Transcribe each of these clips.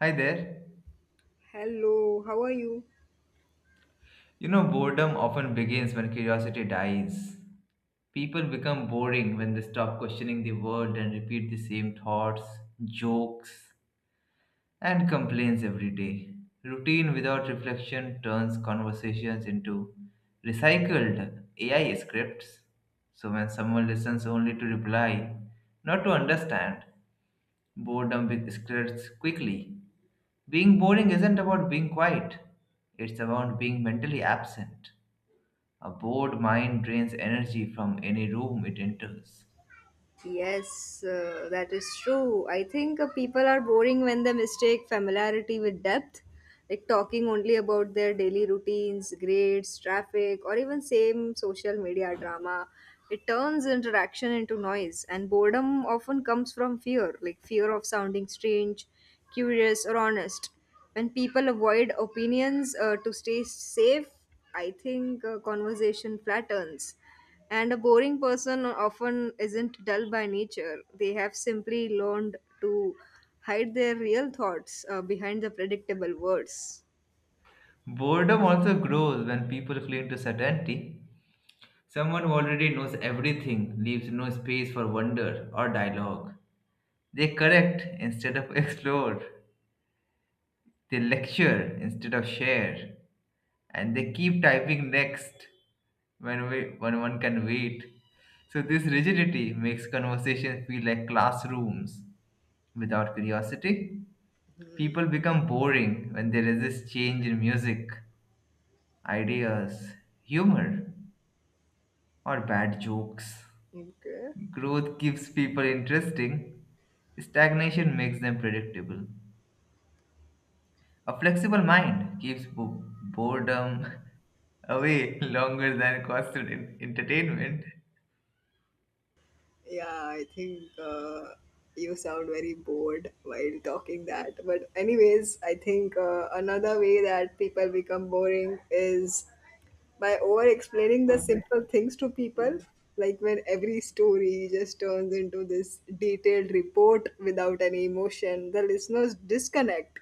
Hi there. Hello, how are you? You know, boredom often begins when curiosity dies. People become boring when they stop questioning the world and repeat the same thoughts, jokes, and complaints every day. Routine without reflection turns conversations into recycled AI scripts. So when someone listens only to reply, not to understand, boredom spreads quickly. Being boring isn't about being quiet, it's about being mentally absent. A bored mind drains energy from any room it enters. Yes, that is true. I think people are boring when they mistake familiarity with depth, like talking only about their daily routines, grades, traffic, or even same social media drama. It turns interaction into noise, and boredom often comes from fear, like fear of sounding strange, curious, or honest. When people avoid opinions to stay safe, I think conversation flattens. And a boring person often isn't dull by nature. They have simply learned to hide their real thoughts behind the predictable words. Boredom also grows when people cling to certainty. Someone who already knows everything leaves no space for wonder or dialogue. They correct instead of explore. They lecture instead of share. And they keep typing next when one can wait. So, this rigidity makes conversations feel like classrooms. Without curiosity, people become boring when they resist change in music, ideas, humor, or bad jokes. Yeah, Growth keeps people interesting, stagnation makes them predictable. A flexible mind keeps boredom away longer than constant entertainment. I think you sound very bored while talking that. But anyways, I think another way that people become boring is by over explaining the simple things to people, like when every story just turns into this detailed report without any emotion, the listeners disconnect.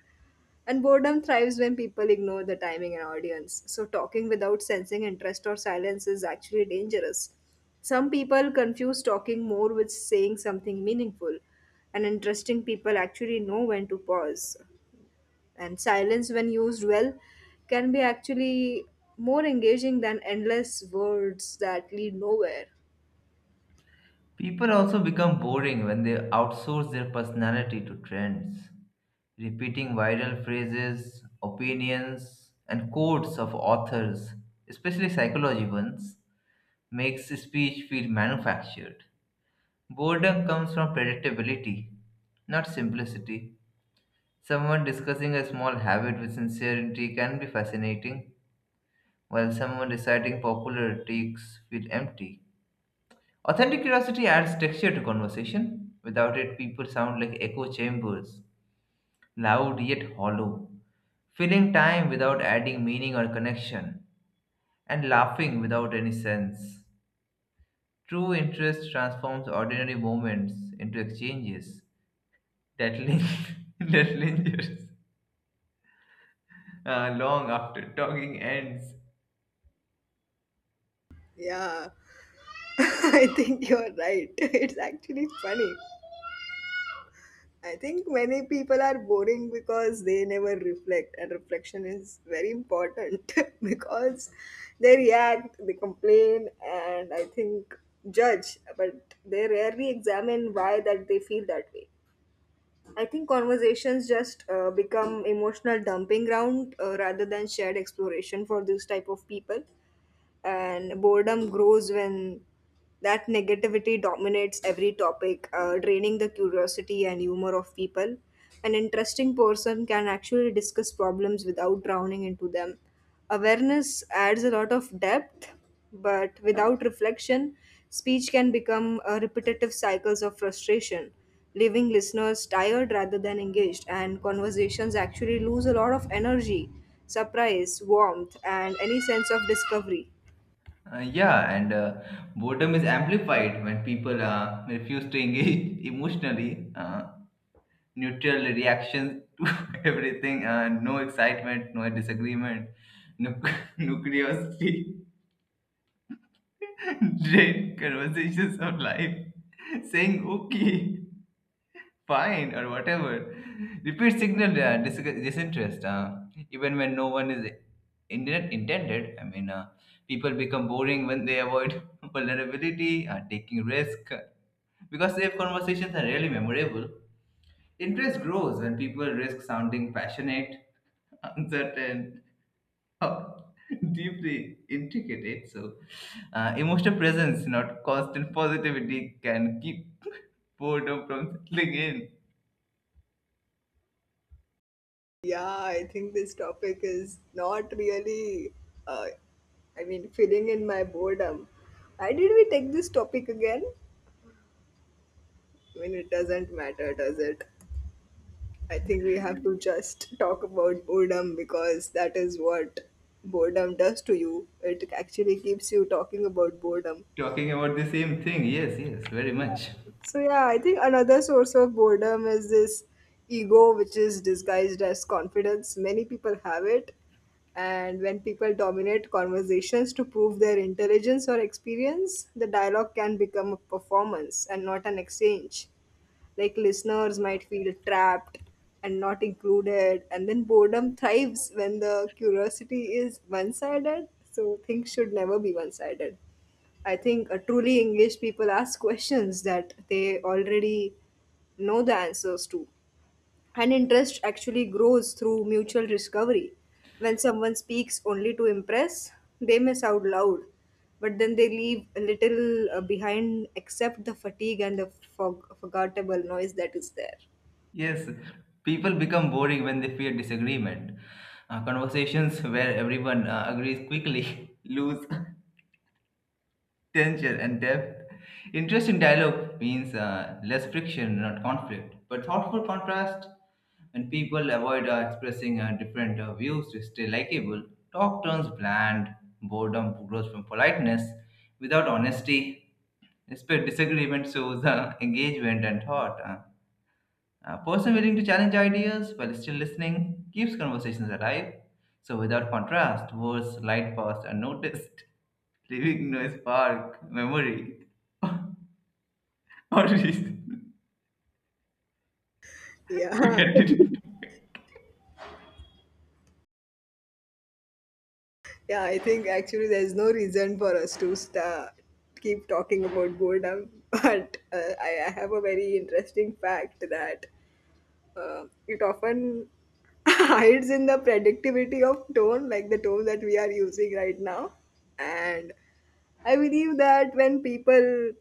And boredom thrives when people ignore the timing and audience, so talking without sensing interest or silence is actually dangerous. Some people confuse talking more with saying something meaningful, and interesting people actually know when to pause, and silence, when used well, can be actually more engaging than endless words that lead nowhere. People also become boring when they outsource their personality to trends. Repeating viral phrases, opinions, and quotes of authors, especially psychology ones, makes speech feel manufactured. Boredom comes from predictability, not simplicity. Someone discussing a small habit with sincerity can be fascinating, while someone reciting popular takes feel empty. Authentic curiosity adds texture to conversation. Without it, people sound like echo chambers, loud yet hollow, filling time without adding meaning or connection, and laughing without any sense. True interest transforms ordinary moments into exchanges that, lin- that lingers long after talking ends. Yeah, I think you're right. It's actually funny. I think many people are boring because they never reflect, and reflection is very important because they react, they complain, and I think judge, but they rarely examine why that they feel that way. I think conversations just become emotional dumping ground rather than shared exploration for this type of people, and boredom grows when that negativity dominates every topic, draining the curiosity and humor of people. An interesting person can actually discuss problems without drowning into them. Awareness adds a lot of depth, but without reflection, speech can become a repetitive cycles of frustration, leaving listeners tired rather than engaged, and conversations actually lose a lot of energy, surprise, warmth, and any sense of discovery. Yeah, and boredom is amplified when people refuse to engage emotionally. Neutral reaction to everything, no excitement, no disagreement, no, no curiosity, dread conversations of life, saying okay, fine, or whatever. Repeat signal disinterest, even when no one is intended. I mean, people become boring when they avoid vulnerability, taking risk, because safe conversations are really memorable. Interest grows when people risk sounding passionate, uncertain, or deeply intricate. So, emotional presence, not constant positivity, can keep boredom from settling in. Yeah, I think this topic is not really, uh, I mean, filling in my boredom. Why did we take this topic again? I mean, it doesn't matter, does it? I think we have to just talk about boredom because that is what boredom does to you. It actually keeps you talking about boredom. Talking about the same thing, yes, yes, very much. So yeah, I think another source of boredom is this ego which is disguised as confidence. Many people have it. And when people dominate conversations to prove their intelligence or experience, the dialogue can become a performance and not an exchange. Like, listeners might feel trapped and not included, and then boredom thrives when the curiosity is one sided. So things should never be one sided. I think truly English people ask questions that they already know the answers to. And interest actually grows through mutual discovery. When someone speaks only to impress, they miss out loud, but then they leave a little behind except the fatigue and the forgettable noise that is there. Yes, people become boring when they fear disagreement. Conversations where everyone agrees quickly lose tension and depth. Interesting dialogue means less friction, not conflict, but thoughtful contrast. When people avoid expressing different views to stay likable, talk turns bland, boredom grows from politeness. Without honesty, respect disagreement shows engagement and thought. A person willing to challenge ideas while still listening keeps conversations alive. So, without contrast, words slide past unnoticed, leaving no spark, memory, or reason to Yeah. continue. Yeah, I think actually there's no reason for us to sta keep talking about boredom, but I have a very interesting fact that it often hides in the predictivity of tone, like the tone that we are using right now. And I believe that when people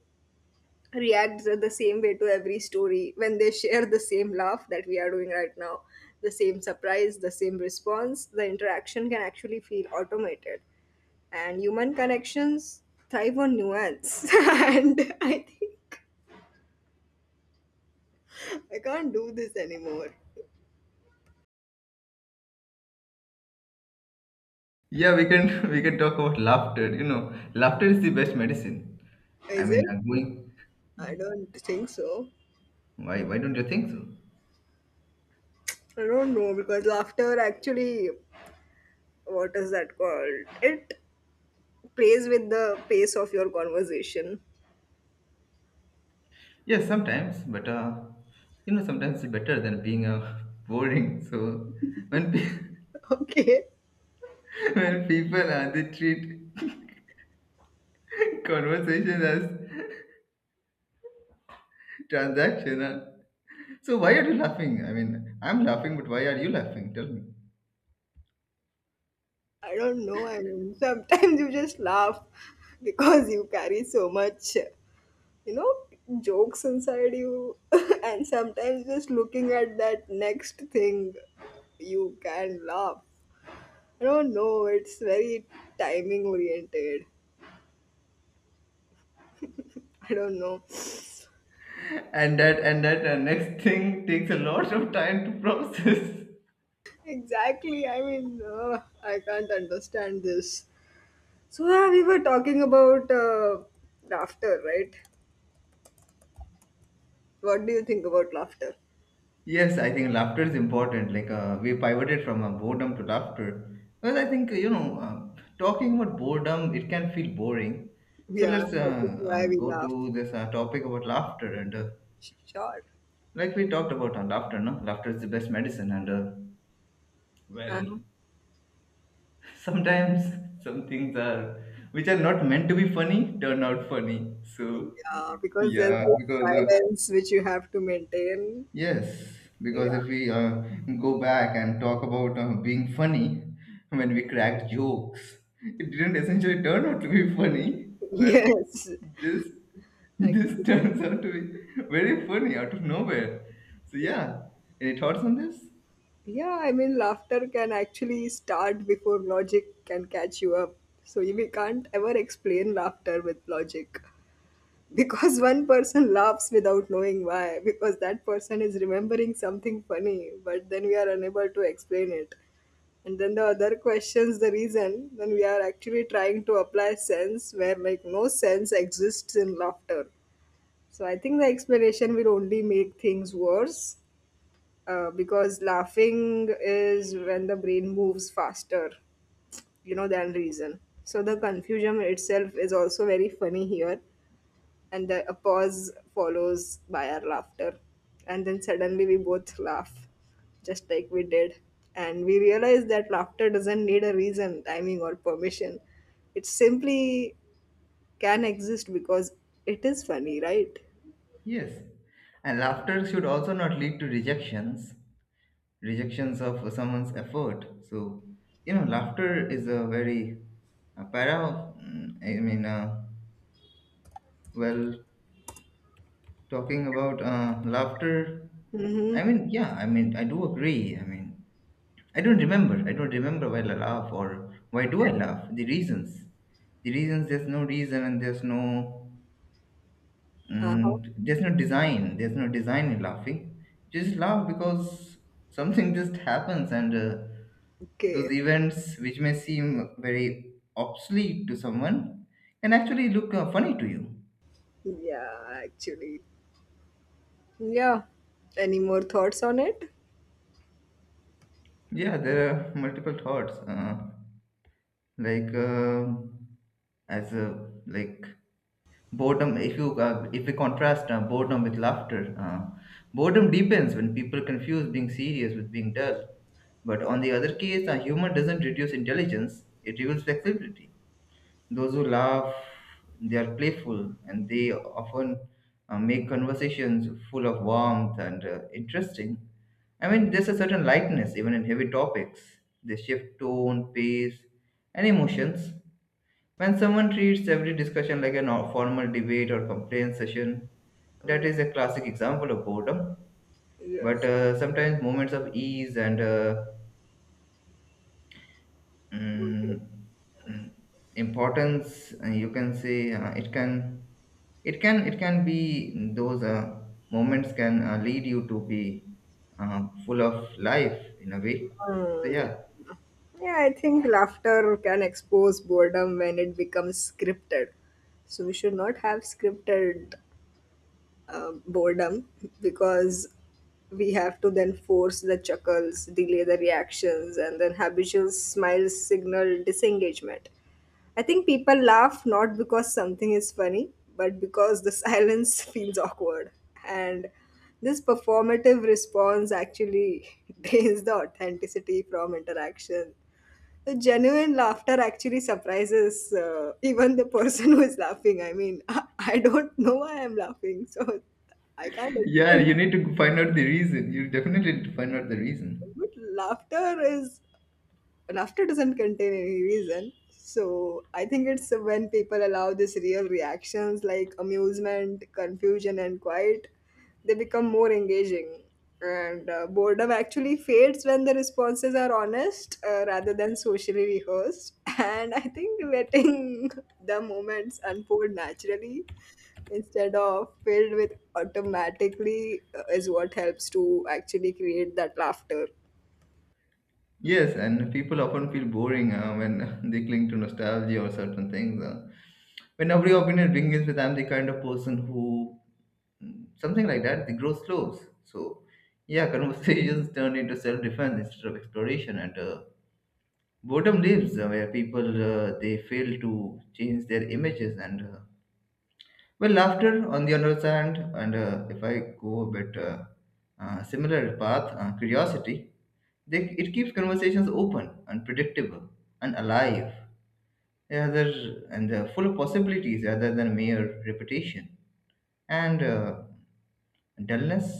react the same way to every story, when they share the same laugh that we are doing right now, the same surprise, the same response, the interaction can actually feel automated, and human connections thrive on nuance. And I think I can't do this anymore. Yeah, we can we can talk about laughter. You know, laughter is the best medicine. I Is mean, it? Going. I don't think so. Why don't you think so? I don't know, because laughter actually, what is that called, it plays with the pace of your conversation. Yes, sometimes, but sometimes it's better than being boring. So when pe- Okay. when people they treat conversation as transactional. So why are you laughing? I mean, I'm laughing, but why are you laughing? Tell me. I don't know. I mean, sometimes you just laugh because you carry so much, you know, jokes inside you, and sometimes just looking at that next thing, you can laugh. I don't know. It's very timing oriented. I don't know. And that next thing takes a lot of time to process. Exactly. I mean, I can't understand this. So yeah, we were talking about laughter, right? What do you think about laughter? Yes, I think laughter is important. Like we pivoted from boredom to laughter, because I think talking about boredom, it can feel boring. So Yeah, let's that is why we go laugh. to this topic about laughter, and Sure. like we talked about laughter. No, laughter is the best medicine and. Well, Uh-huh. sometimes some things are which are not meant to be funny turn out funny, so Yeah, because there's yeah, this because silence which you have to maintain. yes, because Yeah. if we go back and talk about being funny, when we cracked jokes, it didn't essentially turn out to be funny, but Yes. this this Actually, turns out to be very funny out of nowhere. So yeah. yeah, any thoughts on this? Yeah, I mean, laughter can actually start before logic can catch you up. So we can't ever explain laughter with logic, because one person laughs without knowing why, because that person is remembering something funny, but then we are unable to explain it. And then the other questions the reason, then we are actually trying to apply sense where, like, no sense exists in laughter. So I think the explanation will only make things worse, because laughing is when the brain moves faster, you know, than reason. So the confusion itself is also very funny here. And then a pause follows by our laughter, and then suddenly we both laugh, just like we did, and we realize that laughter doesn't need a reason, timing, or permission. It simply can exist because it is funny, right? Yes, and laughter should also not lead to rejections of someone's effort. So, laughter is a very para of, I mean, well, talking about laughter, Mm-hmm. I mean, yeah, I mean, I do agree. I mean, I don't remember. I don't remember why I laugh or why do I laugh. The reasons. The reasons, there's no reason, and there's no. Uh-huh. There's no design. There's no design in laughing. Just laugh because something just happens, and those Okay. events, which may seem very obsolete to someone, can actually look funny to you. Yeah, actually, yeah. Any more thoughts on it? Yeah, there are multiple thoughts. Like as a like boredom, if you if we contrast boredom with laughter, boredom deepens when people confuse being serious with being dull, but on the other case, humor doesn't reduce intelligence, it reveals flexibility. Those who laugh, they are playful, and they often make conversations full of warmth and interesting. I mean, there's a certain lightness even in heavy topics. They shift tone, pace, and emotions. When someone treats every discussion like a formal debate or complaint session, that uh, is a classic example of boredom. But yes sometimes moments of ease and Mm, mm, importance, you can say, it can be those moments can lead you to be full of life in a way. So Hmm. yeah. Yeah, I think laughter can expose boredom when it becomes scripted. So we should not have scripted boredom, because we have to then force the chuckles, delay the reactions, and then habitual smiles signal disengagement. I think people laugh not because something is funny, but because the silence feels awkward. And this performative response actually drains the authenticity from interaction. The genuine laughter actually surprises even the person who is laughing. I mean, I don't know why I'm laughing, so I can't Yeah, explain. you need to find out the reason, you definitely need to find out the reason. But laughter is, laughter doesn't contain any reason. So I think it's when people allow these real reactions, like amusement, confusion, and quiet, they become more engaging. And boredom actually fades when the responses are honest rather than socially rehearsed. And I think letting the moments unfold naturally instead of filled with automatically is what helps to actually create that laughter. Yes, and people often feel boring when they cling to nostalgia or certain things. When every opinion begins with "I'm the kind of person who," something like that, the growth slows. So, yeah, conversations turn into self-defense instead of exploration, and boredom lives where people they fail to change their images, and well, laughter on the other hand, and if I go a bit similar path, curiosity, it keeps conversations open and predictable and alive, rather and full of possibilities rather than mere repetition, and dullness.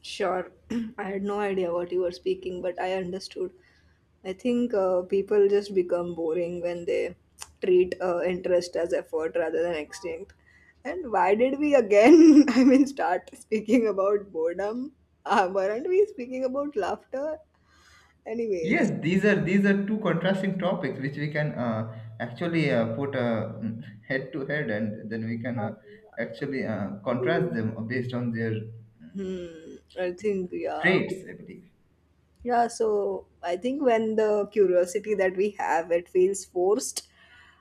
Sure. I had no idea what you were speaking, but I understood. I think people just become boring when they treat interest as effort rather than extinct. And why did we again, I mean, start speaking about boredom? Weren't we speaking about laughter? Yes, Anyways, these are two contrasting topics, which we can actually put head to head, and then we can uh, actually contrast them based on their hmm, I think, yeah. traits, I believe. Yeah, so I think when the curiosity that we have, it feels forced,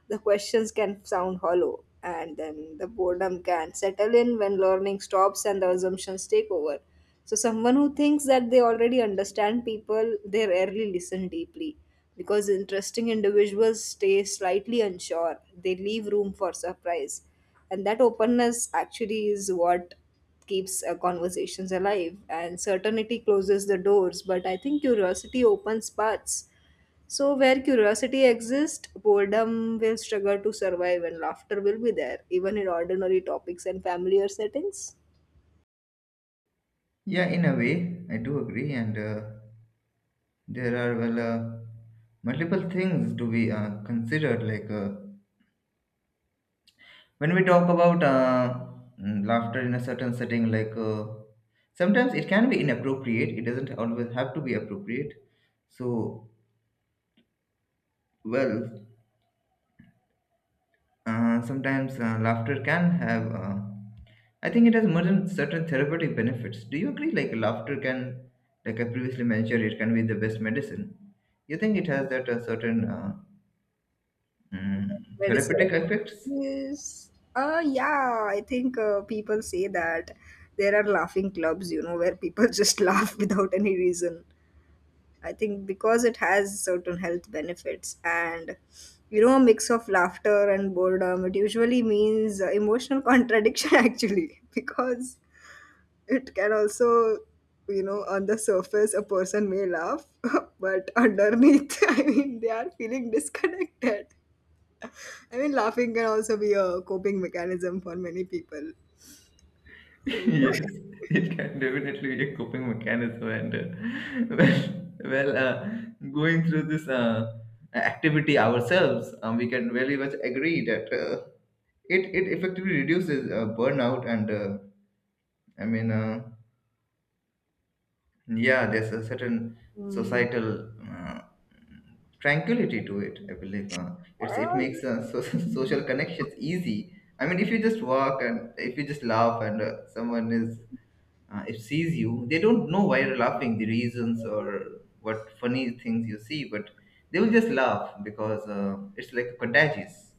the questions can sound hollow, and then the boredom can settle in when learning stops and the assumptions take over. So someone who thinks that they already understand people, they rarely listen deeply, because interesting individuals stay slightly unsure. They leave room for surprise. And that openness actually is what keeps conversations alive. And certainty closes the doors, but I think curiosity opens paths. So where curiosity exists, boredom will struggle to survive, and laughter will be there, even in ordinary topics and familiar settings. Yeah, in a way, I do agree, and there are, well, multiple things to be considered, like when we talk about laughter in a certain setting, like sometimes it can be inappropriate, it doesn't always have to be appropriate. So, well, sometimes laughter can have, I think it has more than certain therapeutic benefits. Do you agree? Like laughter can, like I previously mentioned, it can be the best medicine. You think it has that certain mm, Medicine therapeutic effects? properties. Yeah, I think people say that there are laughing clubs, you know, where people just laugh without any reason. I think because it has certain health benefits, and, you know, a mix of laughter and boredom, it usually means emotional contradiction actually, because it can also, you know, on the surface, a person may laugh, but underneath, I mean, they are feeling disconnected. I mean, laughing can also be a coping mechanism for many people. So, Yes, it can definitely be a coping mechanism. And well, going through this activity ourselves, we can very much agree that it, it effectively reduces burnout and I mean, yeah, there's a certain mm, societal tranquility to it. I believe it makes so, social connections easy. I mean, if you just walk and if you just laugh, and someone is, if sees you, they don't know why you're laughing, the reasons or what funny things you see, but they will just laugh because it's like contagious.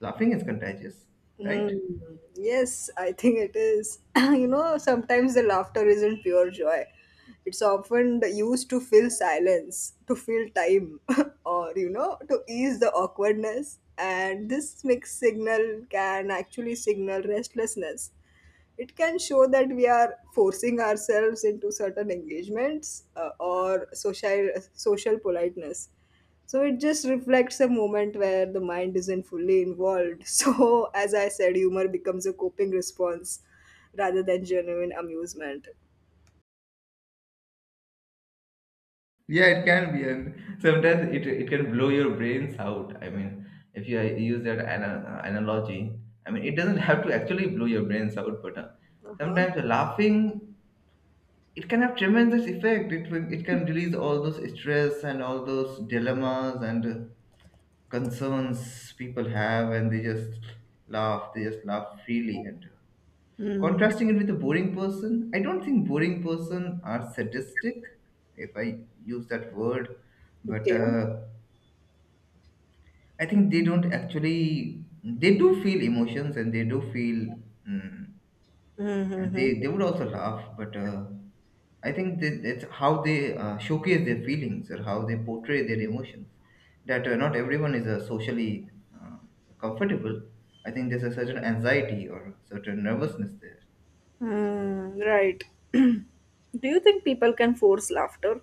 Laughing is contagious, right? mm, yes, I think it is. You know, sometimes the laughter isn't pure joy. It's often used to fill silence, to fill time, or, you know, to ease the awkwardness. And this mixed signal can actually signal restlessness. It can show that we are forcing ourselves into certain engagements or social politeness. So it just reflects a moment where the mind isn't fully involved. So as I said, humor becomes a coping response rather than genuine amusement. Yeah, it can be, and sometimes it can blow your brains out. I mean, if you use that analogy, I mean, it doesn't have to actually blow your brains out, but Uh-huh. sometimes laughing, it can have tremendous effect. It can release all those stress and all those dilemmas, and concerns people have, and they just laugh. They just laugh freely, and Mm. contrasting it with a boring person, I don't think boring person are sadistic, if I use that word. But Okay. I think they don't actually, they do feel emotions, and they do feel. mm, and Mm-hmm. they would also laugh, but I think that that's how they showcase their feelings or how they portray their emotions, that not everyone is socially uh, comfortable. I think there's a certain anxiety or certain nervousness there. Mm, right. Do you think people can force laughter?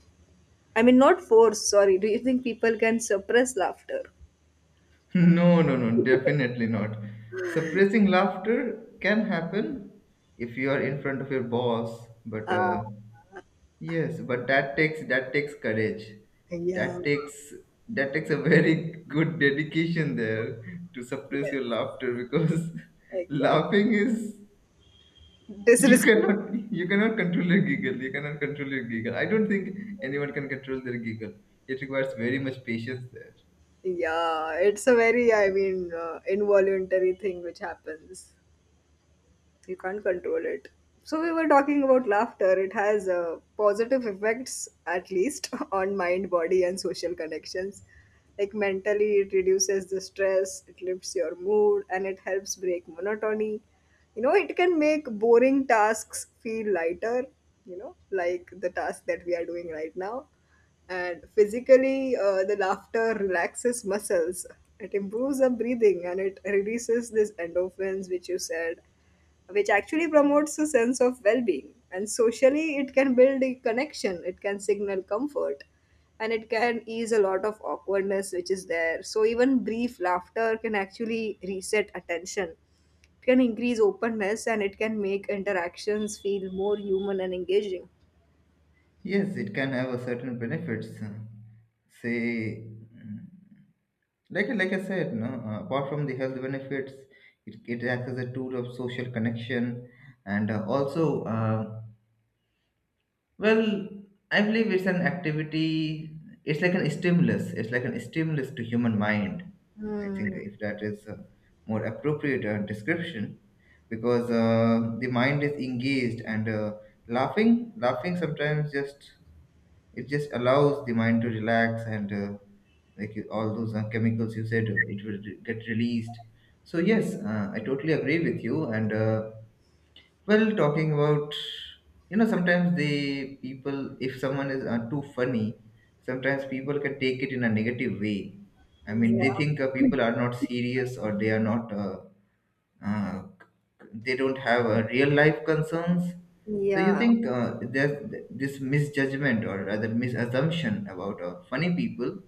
I mean, not force, sorry. Do you think people can suppress laughter? No, no, no, definitely not. Suppressing laughter can happen if you are in front of your boss, but Uh, yes, but that takes courage. yeah. That takes that takes a very good dedication there to suppress Yes, your laughter, because exactly. laughing is, you Disrespect. cannot you cannot control your giggle. You cannot control your giggle. I don't think anyone can control their giggle. It requires very much patience there. Yeah, it's a very, I mean, involuntary thing which happens. You can't control it. So we were talking about laughter, it has positive effects, at least on mind, body, and social connections. Like, mentally it reduces the stress, it lifts your mood, and it helps break monotony. You know, it can make boring tasks feel lighter, you know, like the task that we are doing right now. And physically, the laughter relaxes muscles, it improves the breathing, and it releases these endorphins which you said, which actually promotes a sense of well-being. And socially, it can build a connection, it can signal comfort, and it can ease a lot of awkwardness which is there. So even brief laughter can actually reset attention, it can increase openness, and it can make interactions feel more human and engaging. Yes, it can have a certain benefits. Say, mm, like I said, no. Apart from the health benefits, it acts as a tool of social connection, and well, I believe it's an activity. It's like an stimulus. It's like an stimulus to human mind. I think Hmm. if that is a more appropriate description, because the mind is engaged and Laughing sometimes just allows the mind to relax and like all those chemicals you said, it will get released. So yes, I totally agree with you. And talking about you know sometimes the people, if someone is too funny, sometimes people can take it in a negative way. I mean, they Yeah. think people are not serious or they are not. Uh, they don't have real life concerns. So you Yeah. think there's this misjudgment or rather misassumption about funny people,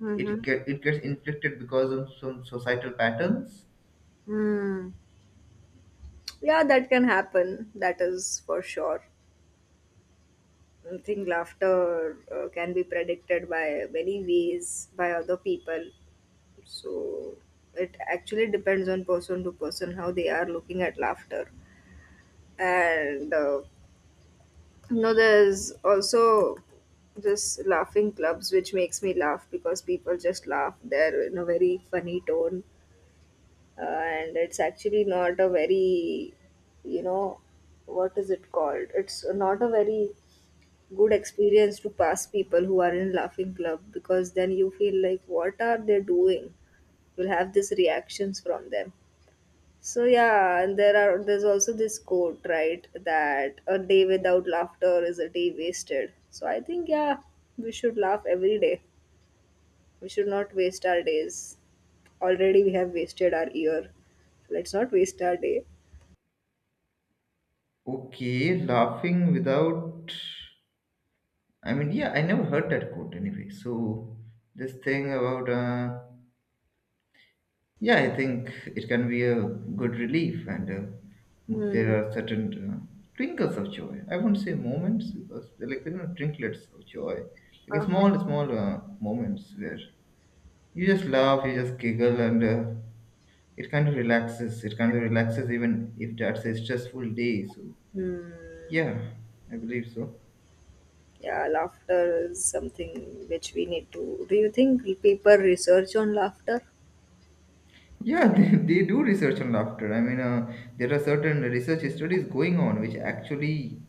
Mm-hmm. It gets inflicted because of some societal patterns. Hmm. Yeah, that can happen, that is for sure. I think laughter can be predicted by many ways by other people. So it actually depends on person to person how they are looking at laughter. And you know, there's also this laughing clubs which makes me laugh because people just laugh. They're in a very funny tone, and it's actually not a very, you know, what is it called? It's not a very good experience to pass people who are in laughing club, because then you feel like, what are they doing? You'll have these reactions from them. So yeah, and there are, there's also this quote, right, that a day without laughter is a day wasted. So I think, yeah, we should laugh every day. We should not waste our days. Already we have wasted our year, so let's not waste our day. Okay, laughing without. I mean, yeah, I never heard that quote anyway. So this thing about yeah, I think it can be a good relief, and there Hmm. are certain twinkles of joy. I won't say moments because they're like you know trinklets of joy, like Uh-huh. small moments where you just laugh, you just giggle, and it kind of relaxes. It kind of relaxes even if that's a stressful day. So Hmm. yeah, I believe so. Yeah, laughter is something which we need to. Do you think people research on laughter? Yeah, they do research on laughter. I mean, there are certain research studies going on which actually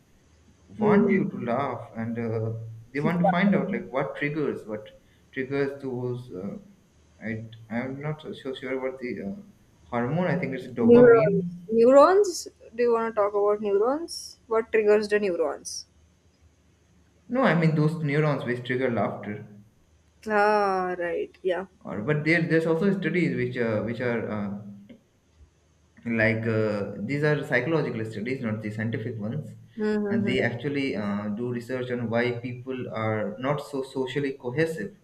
Hmm. want you to laugh and they want to find out like what triggers those I'm not so sure what the hormone. I think it's Neurons. dopamine. Neurons? Do you want to talk about neurons? What triggers the neurons? No, I mean those neurons which trigger laughter. Ah, right. Yeah. Or but there's also studies which are like these are psychological studies, not the scientific ones, and Mm-hmm. they actually do research on why people are not so socially cohesive,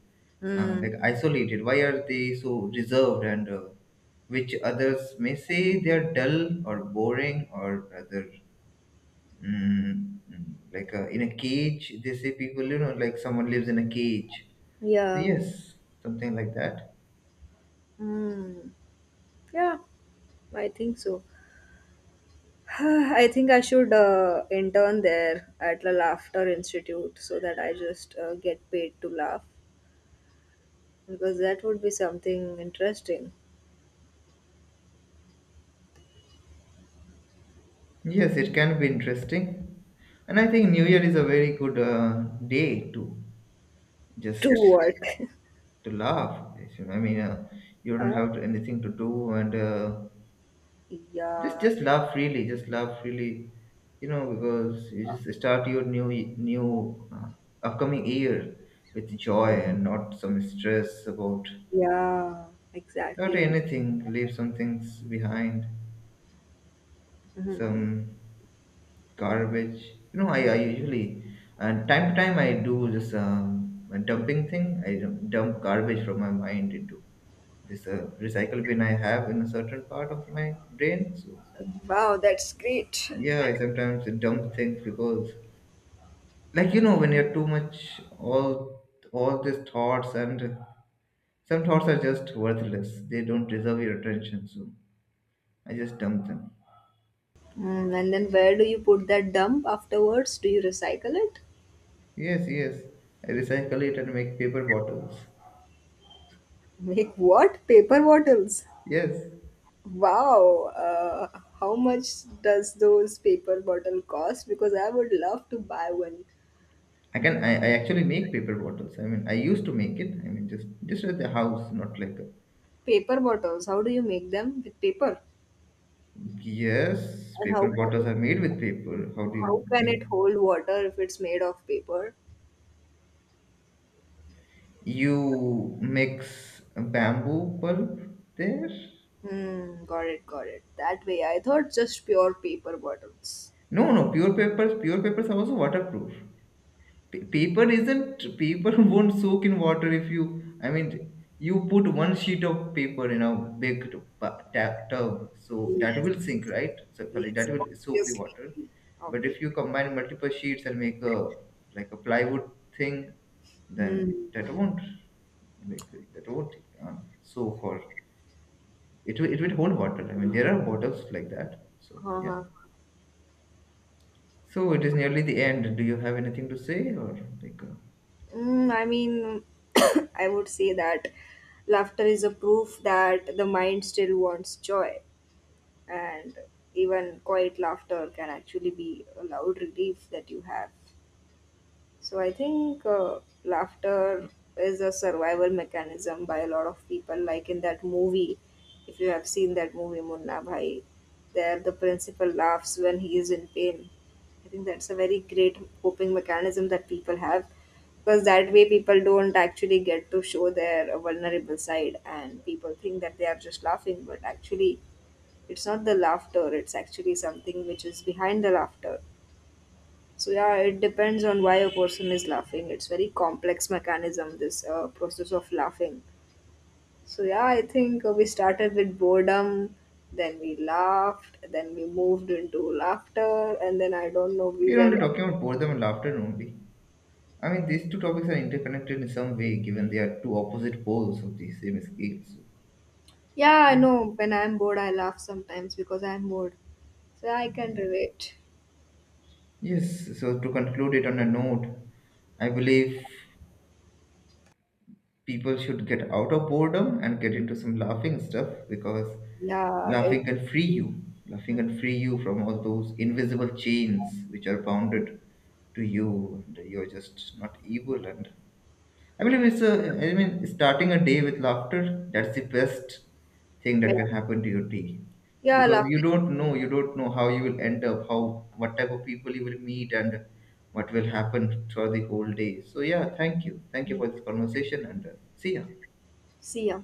Mm. like isolated, why are they so reserved and which others may say they are dull or boring, or rather in a cage, they say people, you know, like someone lives in a cage. So Yeah. yes, something like that. Mm. Yeah, I think so. I think I should intern there at the Laughter Institute, so that I just get paid to laugh, because that would be something interesting. Yes, it can be interesting. And I think New Year is a very good day to To just work. to laugh. I mean, you Uh, don't have to, anything to do and just yeah, just laugh freely, just laugh freely, you know, because you just start your new new upcoming year with joy and not some stress yeah, about exactly. anything. Leave some things behind, some garbage, you know, I usually and time to time I do this dumping thing. I dump garbage from my mind into this recycle bin I have in a certain part of my brain. So Wow, that's great. yeah, I sometimes dump things because, like, you know, when you're too much, all these thoughts, and some thoughts are just worthless, they don't deserve your attention, so I just dump them. Mm, and then where do you put that dump afterwards? Do you recycle it? Yes, yes, I recycle it and make paper bottles. Make what? Paper bottles. Yes, Wow. How much does those paper bottle cost? Because I would love to buy one. I actually make paper bottles. I mean, I used to make it. I mean, just at the house, not like a- Paper bottles, how do you make them with paper? yes, And paper bottles are made with paper. How do how you can make? it hold water if it's made of paper? You mix bamboo pulp there? Hmm, got it, got it. That way, I thought just pure paper bottles. No, no, pure papers. Pure papers are also waterproof. Paper isn't, paper won't soak in water if you, I mean, you put one sheet of paper in a big tub, so that Yes, will sink, right? So sorry, yes, that will soak the obviously, water. But if you obviously. combine multiple sheets and make a like a plywood thing, then Hmm. that won't, like, that won't uh, soak, or it will hold water. I mean, there are bottles like that. So yeah, Uh-huh. so it is nearly the end, do you have anything to say or like Mm, I mean, I would say that laughter is a proof that the mind still wants joy, and even quiet laughter can actually be a loud relief that you have. So I think laughter is a survival mechanism by a lot of people. Like in that movie, if you have seen that movie, Munna Bhai, there the principal laughs when he is in pain. I think that's a very great coping mechanism that people have, because that way people don't actually get to show their vulnerable side, and people think that they are just laughing, but actually it's not the laughter, it's actually something which is behind the laughter. So yeah, it depends on why a person is laughing. It's very complex mechanism, this process of laughing. So yeah, I think we started with boredom, then we laughed, then we moved into laughter, and then I don't know, we we are went. only talking about boredom and laughter only. I mean, these two topics are interconnected in some way, given they are two opposite poles of the same scale. Yeah, I So, know. When I'm bored, I laugh sometimes because I'm bored. So yeah, I can relate. yes, so to conclude it on a note, I believe people should get out of boredom and get into some laughing stuff because Yeah, it. laughing can free you. Laughing can free you from all those invisible chains which are bounded to you, and you're just not evil. And I believe it's a, I mean, starting a day with laughter, that's the best thing that can happen to your day. Yeah, Because laughter. You don't know how you will end up, how, what type of people you will meet and what will happen throughout the whole day. So yeah, thank you. Thank you for this conversation and see ya. See ya.